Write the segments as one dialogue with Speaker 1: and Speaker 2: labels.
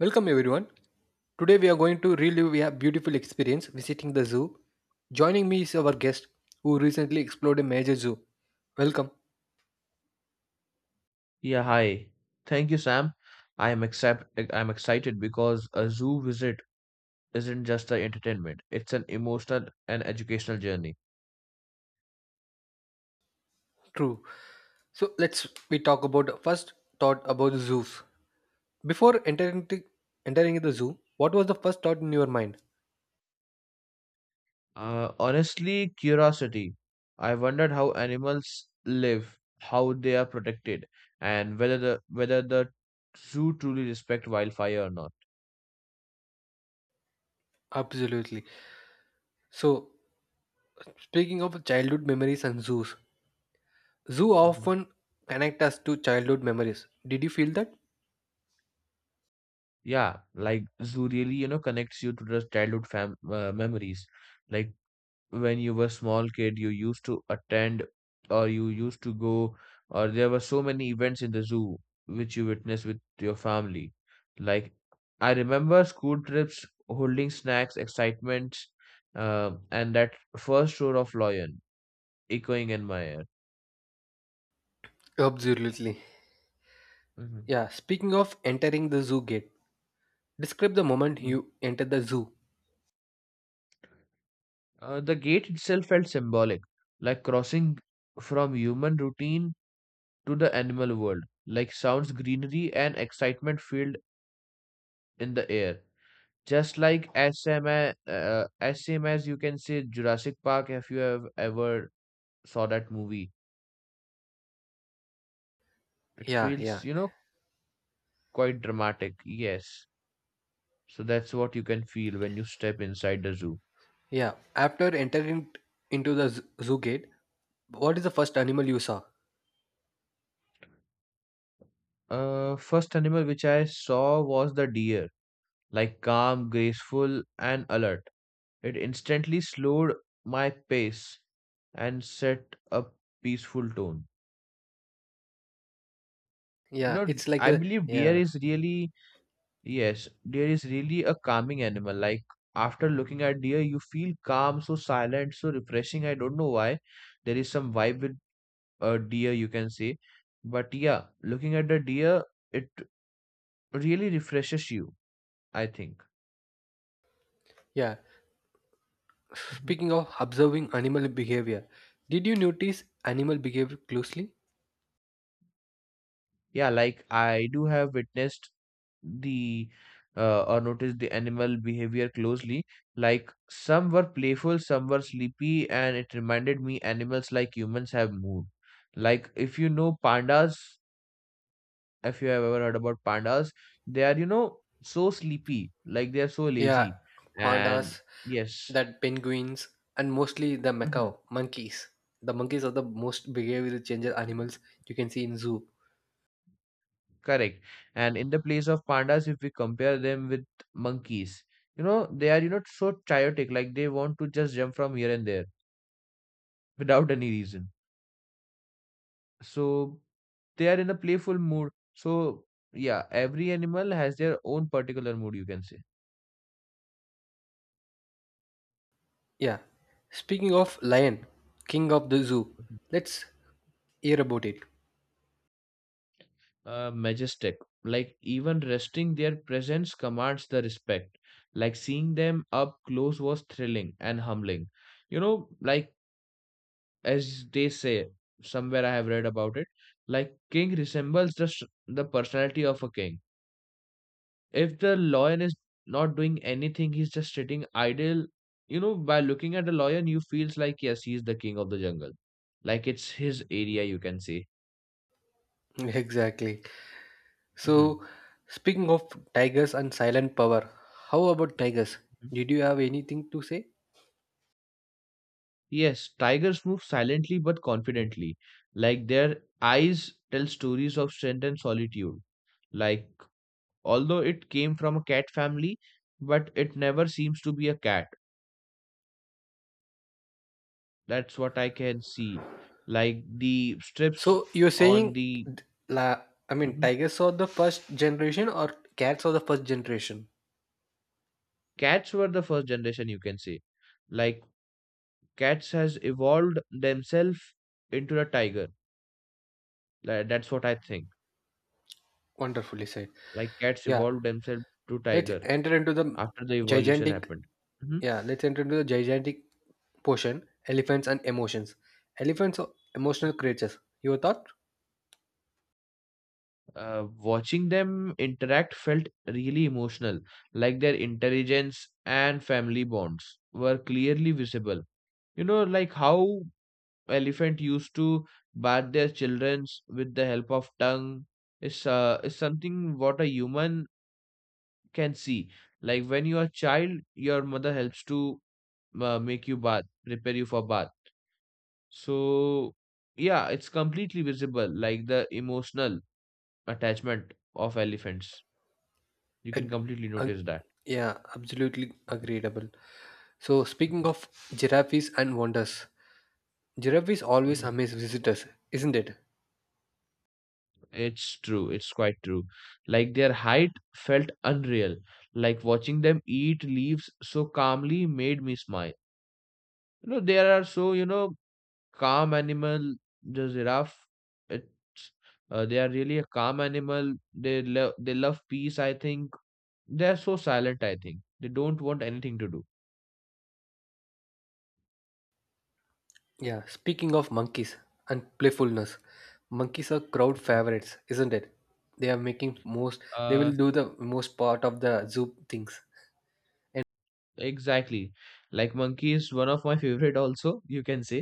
Speaker 1: Welcome everyone. Today we are going to relive a beautiful experience visiting the zoo. Joining me is our guest who recently explored a major zoo. Welcome.
Speaker 2: Yeah, hi. Thank you, Sam. I am accept I'm excited because a zoo visit isn't just an entertainment. It's an emotional and educational journey.
Speaker 1: True. So let's we talk about the first thought about zoos. Before entering the, Entering the zoo, what was the first thought in your mind?
Speaker 2: Honestly, curiosity. I wondered how animals live, how they are protected, and whether the zoo truly respect wildfire or not.
Speaker 1: Absolutely. So speaking of childhood memories and zoos, zoo
Speaker 2: Mhm.
Speaker 1: often connect us to childhood memories. Did you feel that?
Speaker 2: Yeah, like zoo really, you know, connects you to the childhood fam memories. Like when you were small kid you used to attend or you used to go or there were so many events in the zoo which you witnessed with your family, like I remember school trips, holding snacks, excitement, and that first roar of lion echoing in my ear.
Speaker 1: Absolutely.
Speaker 2: Mhm,
Speaker 1: Yeah, speaking of entering the zoo gate, describe the moment
Speaker 2: mhm.
Speaker 1: you enter the zoo.
Speaker 2: The gate itself felt symbolic, like crossing from human routine to the animal world, like sounds, greenery, and excitement filled in the air. Just like as same as same as you can say Jurassic Park. If you have ever saw that movie, it
Speaker 1: Yeah, yeah,
Speaker 2: feels, you know, quite dramatic. Yes. So that's what you can feel when you step inside the zoo.
Speaker 1: yeah. After entering into the zoo gate, what is the first animal you saw?
Speaker 2: First animal which I saw was the deer, like calm, graceful, and alert. It instantly slowed my pace and set a peaceful tone. You
Speaker 1: Yeah,
Speaker 2: know,
Speaker 1: it's like
Speaker 2: I
Speaker 1: a
Speaker 2: believe deer
Speaker 1: yeah,
Speaker 2: is really— yes, deer is really a calming animal. Like after looking at deer, you feel calm, so silent, so refreshing. I don't know why. There is some vibe with deer, you can say. But yeah, looking at the deer, it really refreshes you, I think.
Speaker 1: yeah.
Speaker 2: Mhm.
Speaker 1: Speaking of observing animal behavior, did you notice animal behavior closely?
Speaker 2: Yeah, like I do have witnessed the or noticed the animal behavior closely. Like some were playful, some were sleepy, and it reminded me animals like humans have mood. Like if you know pandas. If you have ever heard about pandas, they are, you know, so sleepy, like they are so
Speaker 1: Yeah,
Speaker 2: lazy. And
Speaker 1: pandas,
Speaker 2: yes,
Speaker 1: that penguins, and mostly the
Speaker 2: hmm,
Speaker 1: macaw monkeys. The monkeys are the most behavioral changer animals you can see in zoo.
Speaker 2: correct. And in the place of pandas, if we compare them with monkeys, you know, they are, you know, so chaotic, like they want to just jump from here and there without any reason. So they are in a playful mood. So yeah, every animal has their own particular mood, you can say.
Speaker 1: Yeah. Speaking of lion, king of the zoo, let's hear about it.
Speaker 2: Majestic. Like even resting, their presence commands the respect. Like seeing them up close was thrilling and humbling. You know, like as they say, somewhere I have read about it, like king resembles the personality of a king. If the lion is not doing anything, he's just sitting idle. You know, by looking at the lion, you feels like yes, he's the king of the jungle. Like it's his area, you can say.
Speaker 1: Exactly.
Speaker 2: Mhm.
Speaker 1: So, speaking of tigers and silent power, how about tigers? Did you have anything to say?
Speaker 2: Yes, tigers move silently but confidently. Like their eyes tell stories of strength and solitude. Like, although it came from a cat family, but it never seems to be a cat. That's what I can see. Like the strips
Speaker 1: So, you're
Speaker 2: on
Speaker 1: saying,
Speaker 2: the—
Speaker 1: th- la, I mean,
Speaker 2: mhm.
Speaker 1: tigers are the first generation or cats are the first generation?
Speaker 2: Cats were the first generation, you can say. Like, cats has evolved themselves into a tiger. Like, that's what I think.
Speaker 1: Wonderfully said.
Speaker 2: Like, cats
Speaker 1: Yeah,
Speaker 2: evolved themselves to
Speaker 1: let's
Speaker 2: tiger
Speaker 1: enter into the
Speaker 2: after the evolution
Speaker 1: gigantic,
Speaker 2: happened. Mhm.
Speaker 1: yeah, let's enter into the gigantic portion, elephants and emotions. Elephants are emotional creatures. Your thought?
Speaker 2: Watching them interact felt really emotional, like their intelligence and family bonds were clearly visible. You know, like how elephant used to bath their children with the help of tongue is something what a human can see. Like when you are a child, your mother helps to make you bath, prepare you for bath. So yeah, it's completely visible, like the emotional attachment of elephants. You can
Speaker 1: Ag-
Speaker 2: completely
Speaker 1: ag-
Speaker 2: notice that.
Speaker 1: yeah, absolutely agreeable. So, speaking of giraffes and wonders, giraffes always
Speaker 2: Mm.
Speaker 1: amaze visitors, isn't it?
Speaker 2: It's true. It's quite true. Like their height felt unreal. Like watching them eat leaves so calmly made me smile. You know, there are so, you know, calm animal, the giraffe, it's, they are really a calm animal. They love peace, I think. They are so silent, I think. They don't want anything to do.
Speaker 1: Yeah, speaking of monkeys and playfulness, monkeys are crowd favorites, isn't it? They are making most, they
Speaker 2: Uh,
Speaker 1: will do the most part of the zoo things.
Speaker 2: exactly. Like monkey is one of my favorite also, you can say.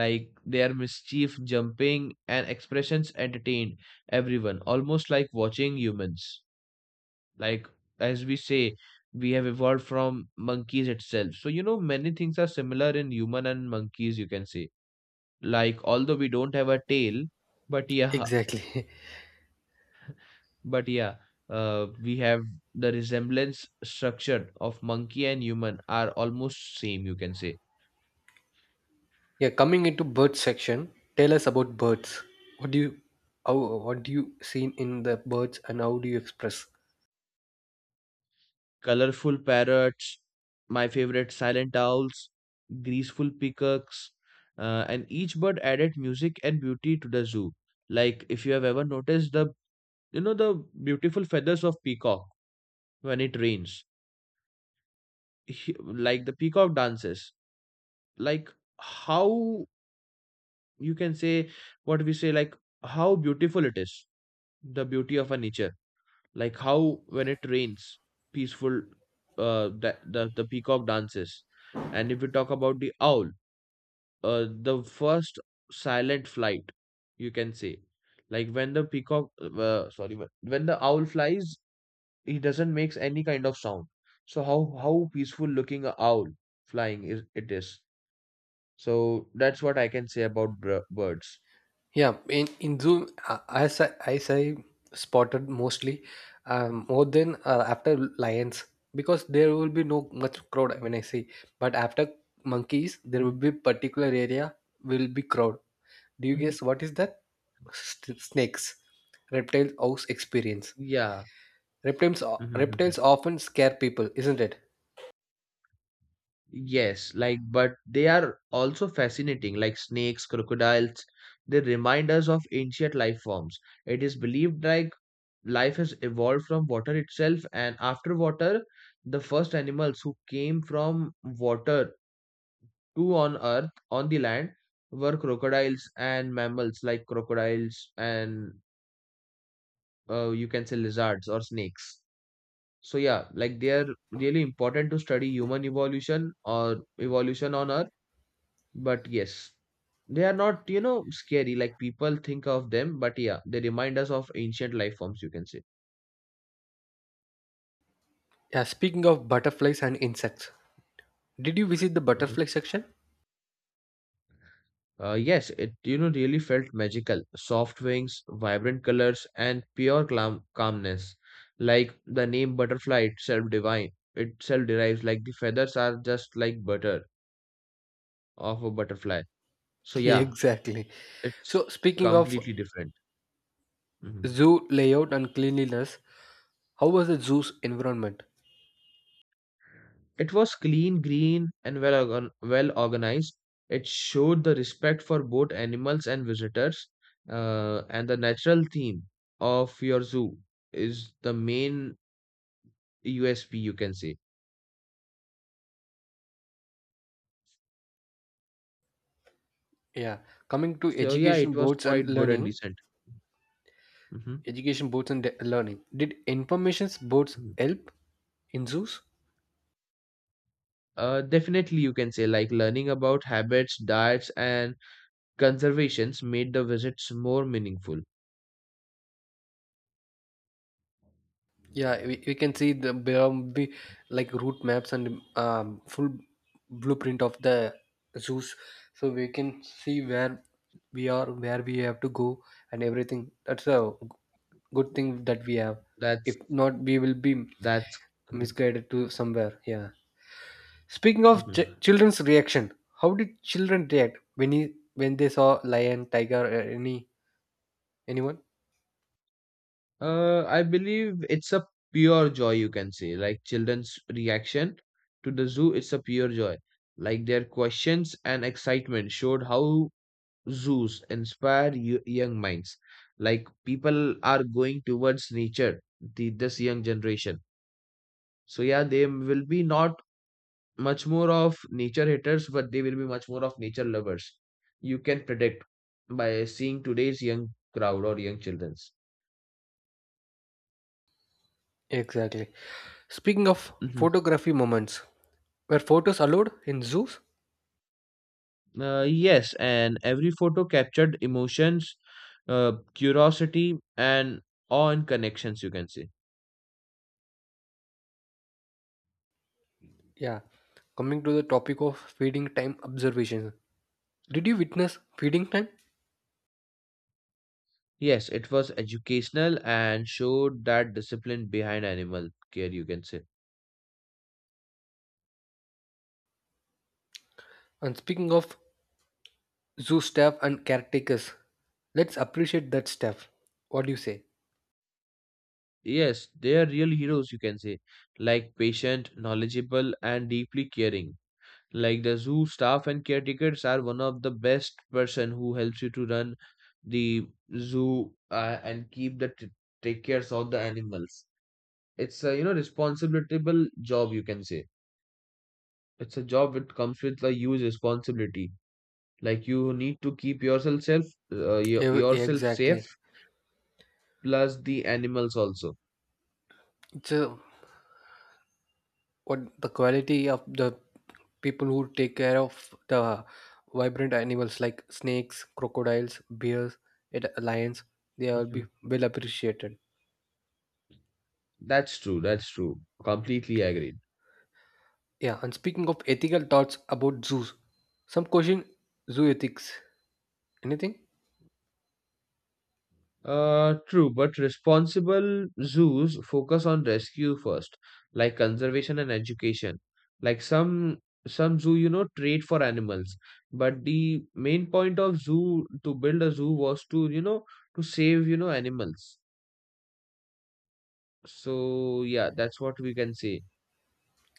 Speaker 2: Like their mischief, jumping, and expressions entertained everyone, almost like watching humans. Like, as we say, we have evolved from monkeys itself, so you know many things are similar in human and monkeys, you can say. Like although we don't have a tail, but yeah,
Speaker 1: Exactly.
Speaker 2: but yeah, we have the resemblance structure of monkey and human are almost same, you can say.
Speaker 1: Yeah, coming into bird section, tell us about birds. What do you, what do you see in the birds and how do you express?
Speaker 2: Colorful parrots, my favorite silent owls, graceful peacocks, and each bird added music and beauty to the zoo. Like if you have ever noticed the, you know, the beautiful feathers of peacock when it rains, like the peacock dances. Like how, you can say, what we say, like how beautiful it is, the beauty of a nature. Like how when it rains, peaceful, the peacock dances. And if we talk about the owl, the first silent flight, you can say, like when the peacock sorry, when the owl flies, he doesn't makes any kind of sound. So how peaceful looking a owl flying is, it is. So that's what I can say about birds.
Speaker 1: Yeah, in Zoom, as I spotted mostly, more than after lions, because there will be no much crowd
Speaker 2: Mhm,
Speaker 1: when I say. But after monkeys, there will
Speaker 2: mhm,
Speaker 1: be particular area will be crowd. Do you
Speaker 2: mhm.
Speaker 1: guess what is that? Snakes, reptile house experience.
Speaker 2: Yeah.
Speaker 1: Reptiles
Speaker 2: Mhm.
Speaker 1: reptiles often scare people, isn't it?
Speaker 2: Yes, like, but they are also fascinating, like snakes, crocodiles. They remind us of ancient life forms. It is believed, like life has evolved from water itself, and after water, the first animals who came from water to on earth, on the land, were crocodiles and mammals like crocodiles and, you can say, lizards or snakes. So yeah, like they are really important to study human evolution or evolution on earth. But yes, they are not, you know, scary like people think of them, but yeah, they remind us of ancient life forms, you can say.
Speaker 1: Yeah. Speaking of butterflies and insects, did you visit the
Speaker 2: Mhm.
Speaker 1: butterfly section?
Speaker 2: Yes, it, you know, really felt magical. Soft wings, vibrant colors, and pure calmness. Like the name butterfly itself divine, itself derives like the feathers are just like butter of a butterfly. So yeah,
Speaker 1: Exactly.
Speaker 2: it's
Speaker 1: So speaking of
Speaker 2: completely different. Mhm.
Speaker 1: zoo layout and cleanliness. How was the zoo's environment?
Speaker 2: It was clean, green, and, well organized. It showed the respect for both animals and visitors, and the natural theme of your zoo is the main USP, you can say.
Speaker 1: Yeah, coming to
Speaker 2: So, yeah,
Speaker 1: education
Speaker 2: it was
Speaker 1: boards and
Speaker 2: quite good and
Speaker 1: learning,
Speaker 2: decent. Hmm.
Speaker 1: education boards and learning. Did information boards help in zoos?
Speaker 2: Definitely, you can say, like learning about habits, diets, and conservations made the visits more meaningful.
Speaker 1: Yeah, we can see the there will be like route maps and full blueprint of the zoos, so we can see where we are, where we have to go, and everything. That's a good thing that we have.
Speaker 2: That's
Speaker 1: If not, we will be
Speaker 2: that's. Mhm,
Speaker 1: misguided to somewhere. Yeah. Speaking of
Speaker 2: mhm.
Speaker 1: children's reaction, how did children react when he, when they saw lion, tiger, or any anyone?
Speaker 2: I believe it's a pure joy, you can say. Like children's reaction to the zoo, it's a pure joy. Like their questions and excitement showed how zoos inspire young minds. Like people are going towards nature, the this young generation. So yeah, they will be not much more of nature haters, but they will be much more of nature lovers. You can predict by seeing today's young crowd or young children's.
Speaker 1: Exactly. Speaking of
Speaker 2: Mhm.
Speaker 1: photography moments, were photos allowed in zoos?
Speaker 2: Yes, and every photo captured emotions, curiosity, and awe and connections, you can see.
Speaker 1: Yeah. Coming to the topic of feeding time observation, did you witness feeding time?
Speaker 2: Yes, it was educational and showed that discipline behind animal care, you can say.
Speaker 1: And speaking of zoo staff and caretakers, let's appreciate that staff. What do you say?
Speaker 2: Yes, they are real heroes, you can say, like patient, knowledgeable, and deeply caring. Like the zoo staff and caretakers are one of the best person who helps you to run the zoo, and keep take cares of the animals. It's a, you know, responsible job, you can say. It's a job which comes with a huge responsibility. Like you need to keep yourself safe,
Speaker 1: Exactly.
Speaker 2: plus the animals also.
Speaker 1: It's a what the quality of the people who take care of the vibrant animals like snakes, crocodiles, bears, and lions, they will be
Speaker 2: Mhm.
Speaker 1: well appreciated.
Speaker 2: That's true. That's true. Completely agreed.
Speaker 1: Yeah, and speaking of ethical thoughts about zoos, some question zoo ethics. Anything?
Speaker 2: True, but responsible zoos focus on rescue first, like conservation and education. Like some zoo, you know, trade for animals, but the main point of zoo to build a zoo was to, you know, to save, you know, animals. So yeah, that's what we can say.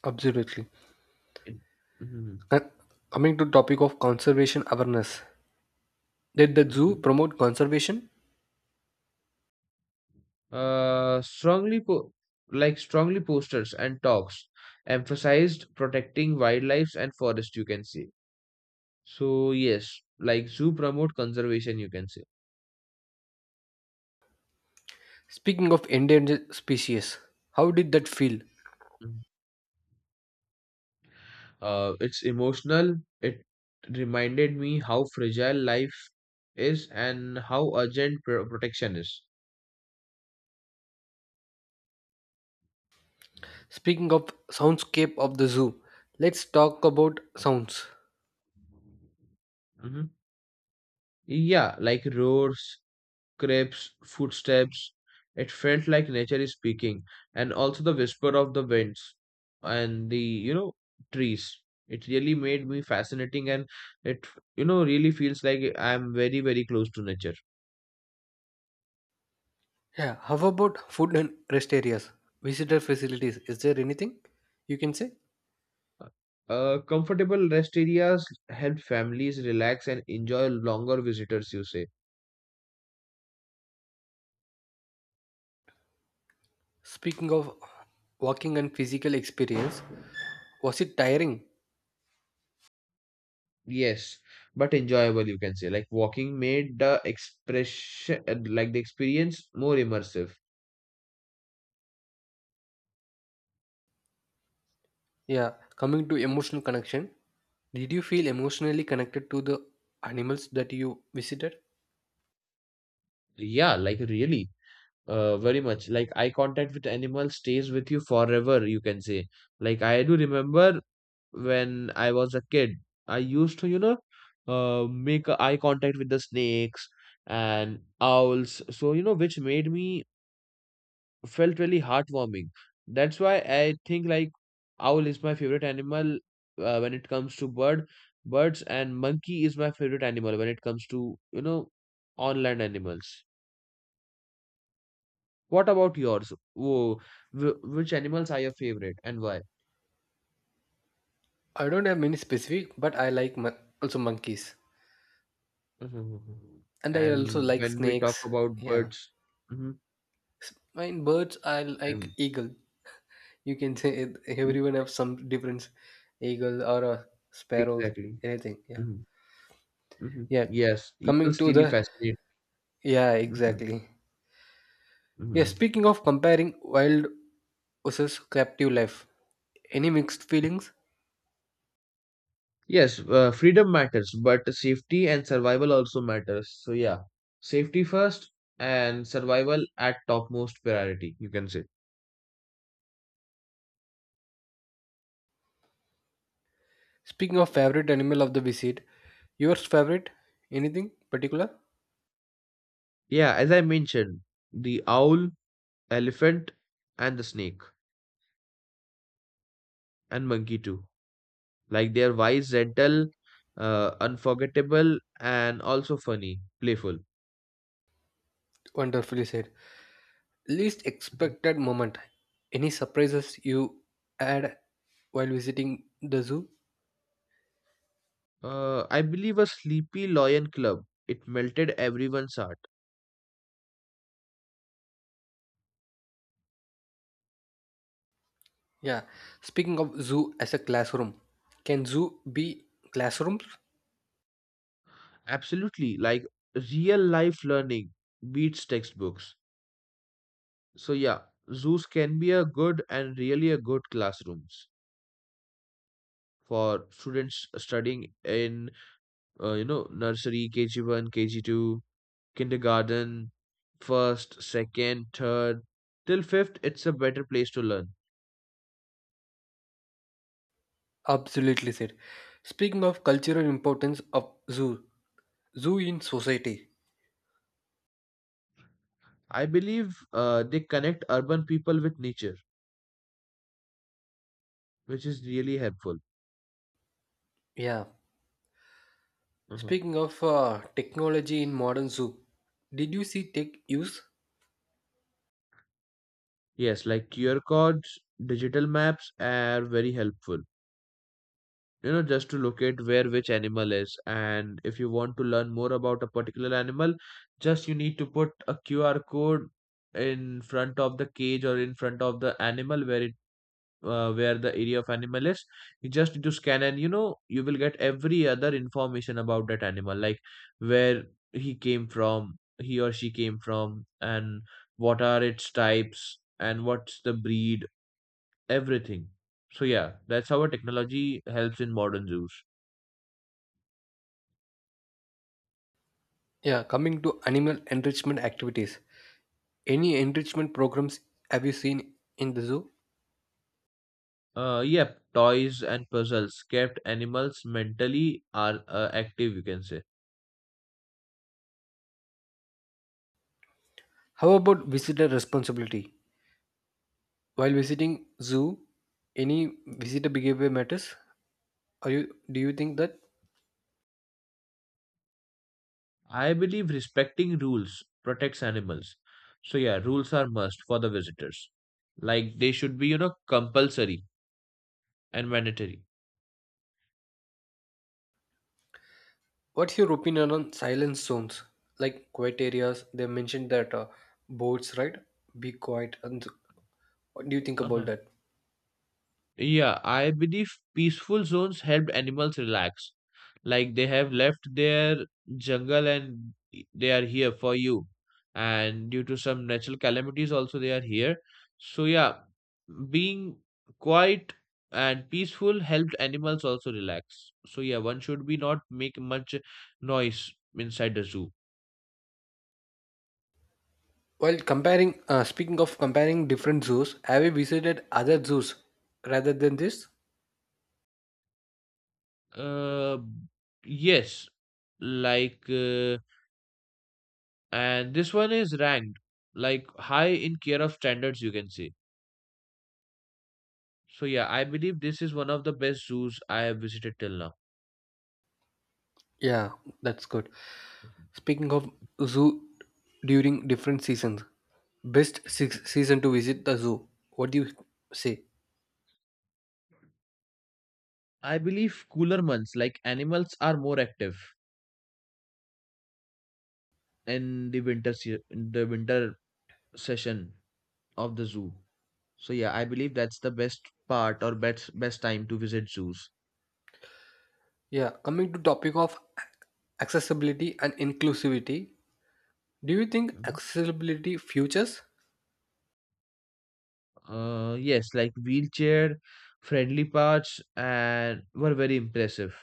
Speaker 1: Absolutely.
Speaker 2: It— mhm,
Speaker 1: And coming to topic of conservation awareness, did the zoo
Speaker 2: mhm.
Speaker 1: promote conservation?
Speaker 2: Strongly po Like strongly posters and talks emphasized protecting wildlife and forest, you can say. So yes, like zoo promote conservation, you can say.
Speaker 1: Speaking of endangered species, how did that feel?
Speaker 2: Mhm. It's emotional. It reminded me how fragile life is and how urgent protection is.
Speaker 1: Speaking of soundscape of the zoo, let's talk about sounds.
Speaker 2: Mhm. Yeah, like roars, crepes, footsteps. It felt like nature is speaking, and also the whisper of the winds and the, you know, trees. It really made me fascinating, and it, you know, really feels like I'm very close to nature.
Speaker 1: Yeah, how about food and rest areas? Visitor facilities, is there anything you can say?
Speaker 2: Comfortable rest areas help families relax and enjoy longer visitors, you say.
Speaker 1: Speaking of walking and physical experience, was it tiring?
Speaker 2: Yes, but enjoyable, you can say. Like walking made like the experience more immersive.
Speaker 1: Yeah, coming to emotional connection, did you feel emotionally connected to the animals that you visited?
Speaker 2: Yeah, like really, very much. Like eye contact with animals stays with you forever, you can say. Like I do remember when I was a kid, I used to, you know, make a eye contact with the snakes and owls. So, you know, which made me felt really heartwarming. That's why I think like owl is my favorite animal when it comes to birds, and monkey is my favorite animal when it comes to, you know, on land animals. What about yours? Whoa, which animals are your favorite and why?
Speaker 1: I don't have many specific, but I like also monkeys,
Speaker 2: Mhm.
Speaker 1: and I also
Speaker 2: And
Speaker 1: like
Speaker 2: when we talk
Speaker 1: snakes.
Speaker 2: about
Speaker 1: Yeah,
Speaker 2: birds, hmm
Speaker 1: Mine birds. I like
Speaker 2: and
Speaker 1: eagle. You can say it,
Speaker 2: e-
Speaker 1: everyone have some different eagle or a sparrow,
Speaker 2: exactly.
Speaker 1: anything. Yeah,
Speaker 2: hmm
Speaker 1: yeah,
Speaker 2: Yes,
Speaker 1: coming
Speaker 2: eagles
Speaker 1: to
Speaker 2: really
Speaker 1: the,
Speaker 2: fascinate.
Speaker 1: yeah,
Speaker 2: hmm
Speaker 1: exactly, yeah,
Speaker 2: hmm
Speaker 1: speaking of comparing wild versus captive life, any mixed feelings?
Speaker 2: Yes, freedom matters, but safety and survival also matters. So yeah, safety first and survival at topmost priority, you can say.
Speaker 1: Speaking of favorite animal of the visit, yours favorite, anything particular?
Speaker 2: Yeah, as I mentioned, the owl, elephant, and the snake and monkey too. Like they are wise, gentle, unforgettable, and also funny, playful.
Speaker 1: Wonderfully said. Least
Speaker 2: Mhm.
Speaker 1: expected moment, any surprises you had while visiting the zoo?
Speaker 2: I believe a sleepy lion club. It melted everyone's heart.
Speaker 1: Yeah. Speaking of zoo as a classroom, can zoo be classrooms?
Speaker 2: Absolutely, like real life learning beats textbooks. So yeah, zoos can be a good and really a good classrooms for students studying in nursery, KG1, KG2, kindergarten, first, second, third till fifth. It's a better place to learn.
Speaker 1: Absolutely said. Speaking of cultural importance of zoo, zoo in society.
Speaker 2: I believe they connect urban people with nature, which is really helpful.
Speaker 1: Yeah.
Speaker 2: Mhm.
Speaker 1: Speaking of technology in modern zoo, did you see tech use?
Speaker 2: Yes, like QR codes, digital maps are very helpful. You know, just to locate where which animal is, and if you want to learn more about a particular animal, just you need to put a qr code in front of the cage or in front of the animal where it where the area of animal is. You just need to scan, and you know you will get every other information about that animal, like where he came from, he or she came from, and what are its types and what's the breed, everything. So yeah, that's how a technology helps in modern zoos.
Speaker 1: Yeah. Coming to animal enrichment activities, any enrichment programs have you seen in the zoo?
Speaker 2: Yep, toys and puzzles kept animals mentally are active, you can say.
Speaker 1: How about visitor responsibility? While visiting zoo, any visitor behavior matters? Are you? Do you think that?
Speaker 2: I believe respecting rules protects animals. So yeah, rules are must for the visitors. Like they should be, you know, compulsory and mandatory.
Speaker 1: What's your opinion on silence zones? Like quiet areas, they mentioned that boats, right? Be quiet. And what do you think about
Speaker 2: Uh-huh.
Speaker 1: that?
Speaker 2: Yeah, I believe peaceful zones help animals relax. Like they have left their jungle, and they are here for you. And due to some natural calamities, also they are here. So, yeah, being quiet and peaceful helped animals also relax. So, yeah, one should be not make much noise inside the zoo.
Speaker 1: Well, speaking of comparing different zoos, have you visited other zoos rather than this?
Speaker 2: Uh, yes, like. And this one is ranked like high in care of standards, you can say. So yeah, I believe this is one of the best zoos I have visited till now.
Speaker 1: Yeah, that's good. Speaking of zoo during different seasons, best six season to visit the zoo. What do you say?
Speaker 2: I believe cooler months, like animals are more active in the in the winter session of the zoo. So yeah, I believe that's the best part or best best time to visit zoos.
Speaker 1: Yeah, coming to topic of accessibility and inclusivity, do you think accessibility futures?
Speaker 2: Yes, like wheelchair friendly parts and were very impressive.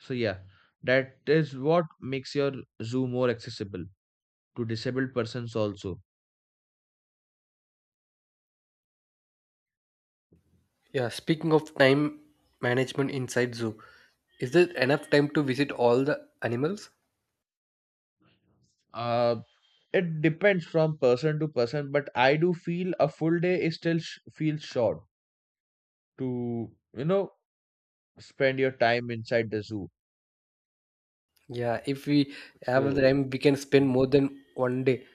Speaker 2: So yeah, that is what makes your zoo more accessible to disabled persons also.
Speaker 1: Yeah, speaking of time management inside zoo, is there enough time to visit all the animals?
Speaker 2: Uh, it depends from person to person, but I do feel a full day is still sh feels short to, you know, spend your time inside the zoo.
Speaker 1: Yeah, if we have the
Speaker 2: So
Speaker 1: time, we can spend
Speaker 2: Mm.
Speaker 1: more than one day.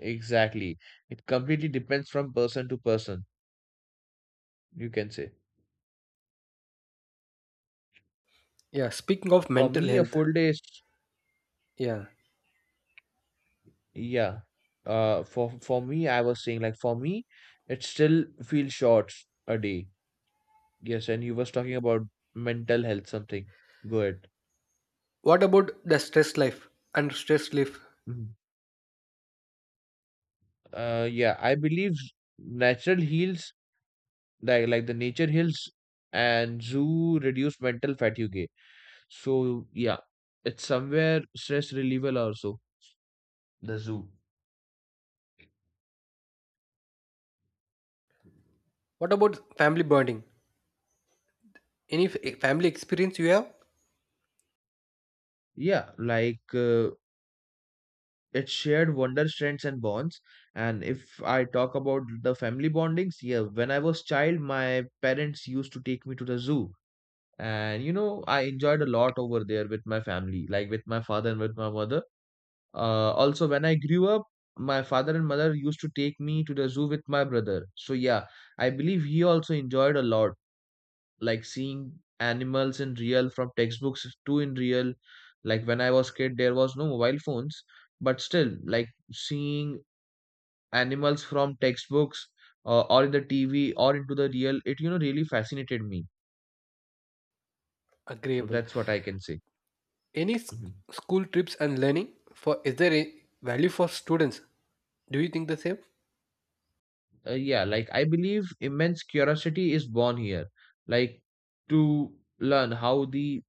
Speaker 2: Exactly, it completely depends from person to person, you can say.
Speaker 1: Yeah, speaking of
Speaker 2: For
Speaker 1: mental
Speaker 2: me, a
Speaker 1: health,
Speaker 2: full day is
Speaker 1: yeah.
Speaker 2: Yeah. For me, I was saying like for me, it still feels short a day. Yes, and you was talking about mental health something. Good.
Speaker 1: What about the stress life and stress relief?
Speaker 2: Mhm. Yeah, I believe natural heals, like the nature heals, and zoo reduce mental fatigue. So yeah, it's somewhere stress relieval also. The zoo.
Speaker 1: What about family bonding? Any family experience you have?
Speaker 2: Yeah, like it shared wonder, strengths, and bonds. And if I talk about the family bondings, yeah, when I was child, my parents used to take me to the zoo. And you know, I enjoyed a lot over there with my family, like with my father and with my mother. Also, when I grew up, my father and mother used to take me to the zoo with my brother. So yeah, I believe he also enjoyed a lot, like seeing animals in real from textbooks to in real. Like when I was kid, there was no mobile phones, but still like seeing animals from textbooks or in the tv or into the real, it you know really fascinated me. So
Speaker 1: Agreeable.
Speaker 2: that's what I can say.
Speaker 1: Any
Speaker 2: Mhm.
Speaker 1: school trips and learning? For is there a value for students? Do you think the same?
Speaker 2: Yeah, like I believe immense curiosity is born here, like to learn how the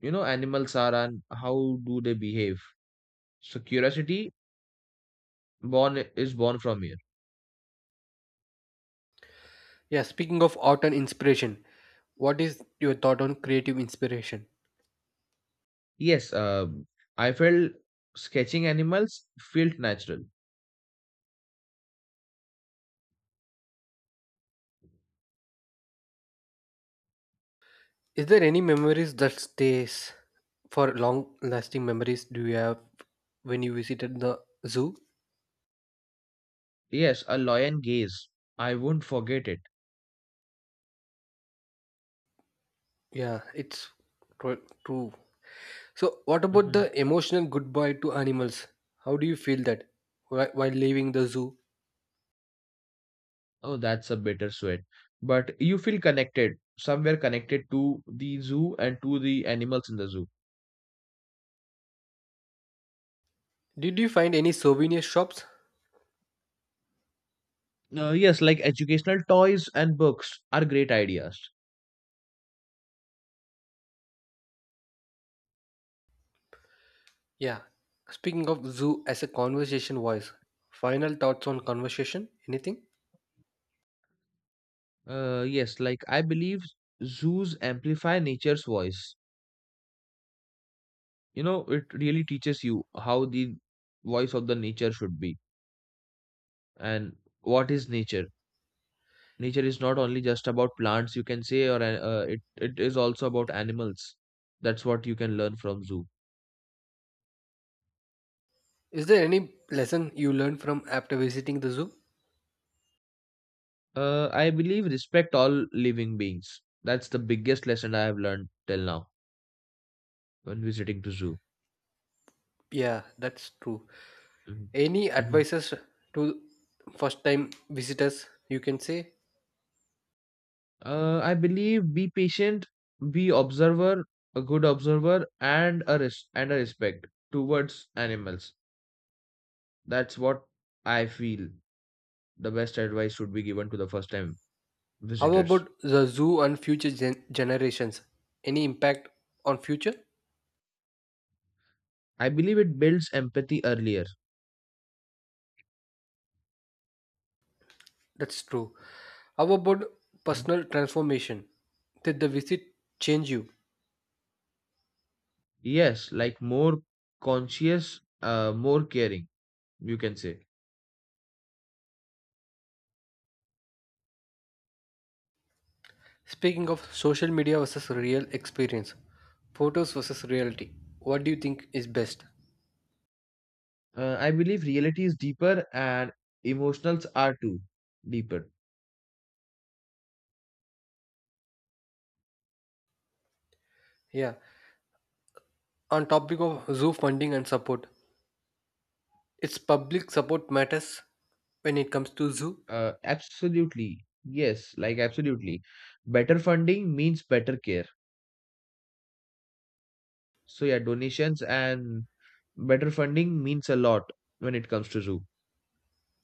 Speaker 2: you know animals are and how do they behave. So curiosity born is born from here.
Speaker 1: Yeah, speaking of art and inspiration, what is your thought on creative inspiration?
Speaker 2: Yes, I felt sketching animals felt natural.
Speaker 1: Is there any memories that stays for long lasting memories do you have when you visited the zoo?
Speaker 2: Yes, a lion gaze. I won't forget it.
Speaker 1: Yeah, it's true. So, what about
Speaker 2: Hmm
Speaker 1: the emotional goodbye to animals? How do you feel that while leaving the zoo?
Speaker 2: Oh, that's a bittersweet. But you feel connected, somewhere connected to the zoo and to the animals in the zoo.
Speaker 1: Did you find any souvenir shops?
Speaker 2: Yes, like educational toys and books are great ideas.
Speaker 1: Yeah. Speaking of zoo as a conversation voice, final thoughts on conversation? Anything?
Speaker 2: Yes, like I believe zoos amplify nature's voice. You know, it really teaches you how the voice of the nature should be, and what is nature. Nature is not only just about plants, you can say, or it is also about animals. That's what you can learn from zoo.
Speaker 1: Is there any lesson you learned from after visiting the zoo?
Speaker 2: I believe respect all living beings. That's the biggest lesson I have learned till now when visiting to zoo.
Speaker 1: Yeah, that's true.
Speaker 2: Mhm.
Speaker 1: Any
Speaker 2: Mhm.
Speaker 1: advices to first time visitors you can say?
Speaker 2: I believe be patient, be observer, a good observer, and a respect towards animals. That's what I feel the best advice should be given to the first time
Speaker 1: How
Speaker 2: visitors.
Speaker 1: about the zoo and future generations? Any impact on future?
Speaker 2: I believe it builds empathy earlier.
Speaker 1: That's true. How about personal transformation? Did the visit change you?
Speaker 2: Yes, like more conscious, more caring, you can say.
Speaker 1: Speaking of social media versus real experience, photos versus reality, what do you think is best?
Speaker 2: I believe reality is deeper and emotionals are too deeper.
Speaker 1: Yeah. On topic of zoo funding and support, its public support matters when it comes to zoo.
Speaker 2: Absolutely. Yes, like absolutely. Better funding means better care. So yeah, donations and better funding means a lot when it comes to zoo.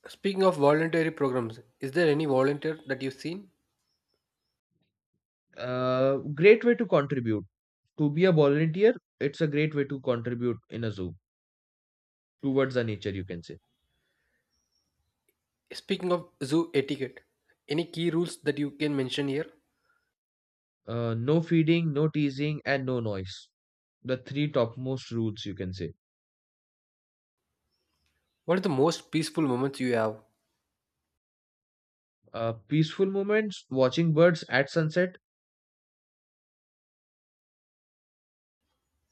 Speaker 1: Speaking of voluntary programs, is there any volunteer that you've seen?
Speaker 2: Great way to contribute. To be a volunteer, it's a great way to contribute in a zoo towards the nature, you can say.
Speaker 1: Speaking of zoo etiquette, any key rules that you can mention here?
Speaker 2: No feeding, no teasing, and no noise. The three topmost rules, you can say.
Speaker 1: What are the most peaceful moments you have?
Speaker 2: Peaceful moments, watching birds at sunset.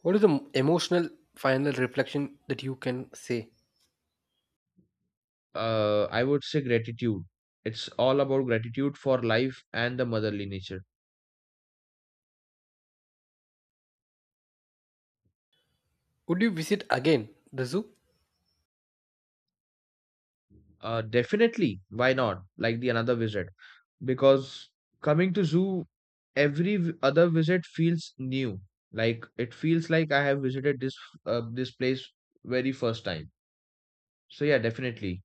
Speaker 1: What is the emotional final reflection that you can say?
Speaker 2: I would say gratitude. It's all about gratitude for life and the motherly nature.
Speaker 1: Would you visit again the zoo?
Speaker 2: Definitely, why not? Like the another visit, because coming to zoo, every other visit feels new. Like it feels like I have visited this this place very first time. So yeah, definitely.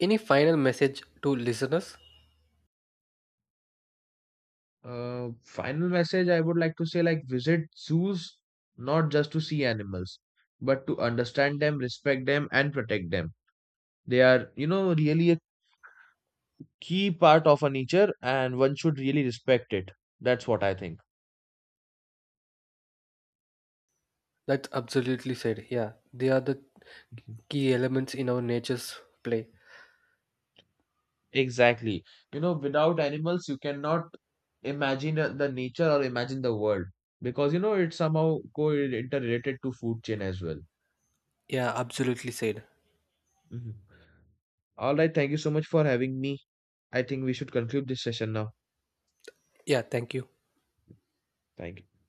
Speaker 1: Any final message to listeners?
Speaker 2: Final message I would like to say, like visit zoos not just to see animals, but to understand them, respect them, and protect them. They are, you know, really a key part of our nature, and one should really respect it. That's what I think.
Speaker 1: That's absolutely said. Yeah, they are the
Speaker 2: Mhm.
Speaker 1: key elements in our nature's play.
Speaker 2: Exactly. You know, without animals, you cannot imagine the nature or imagine the world because, you know, it's somehow co interrelated to food chain as well.
Speaker 1: Yeah, absolutely said.
Speaker 2: Mhm. All right. Thank you so much for having me. I think we should conclude this session now.
Speaker 1: Yeah, thank you.
Speaker 2: Thank you.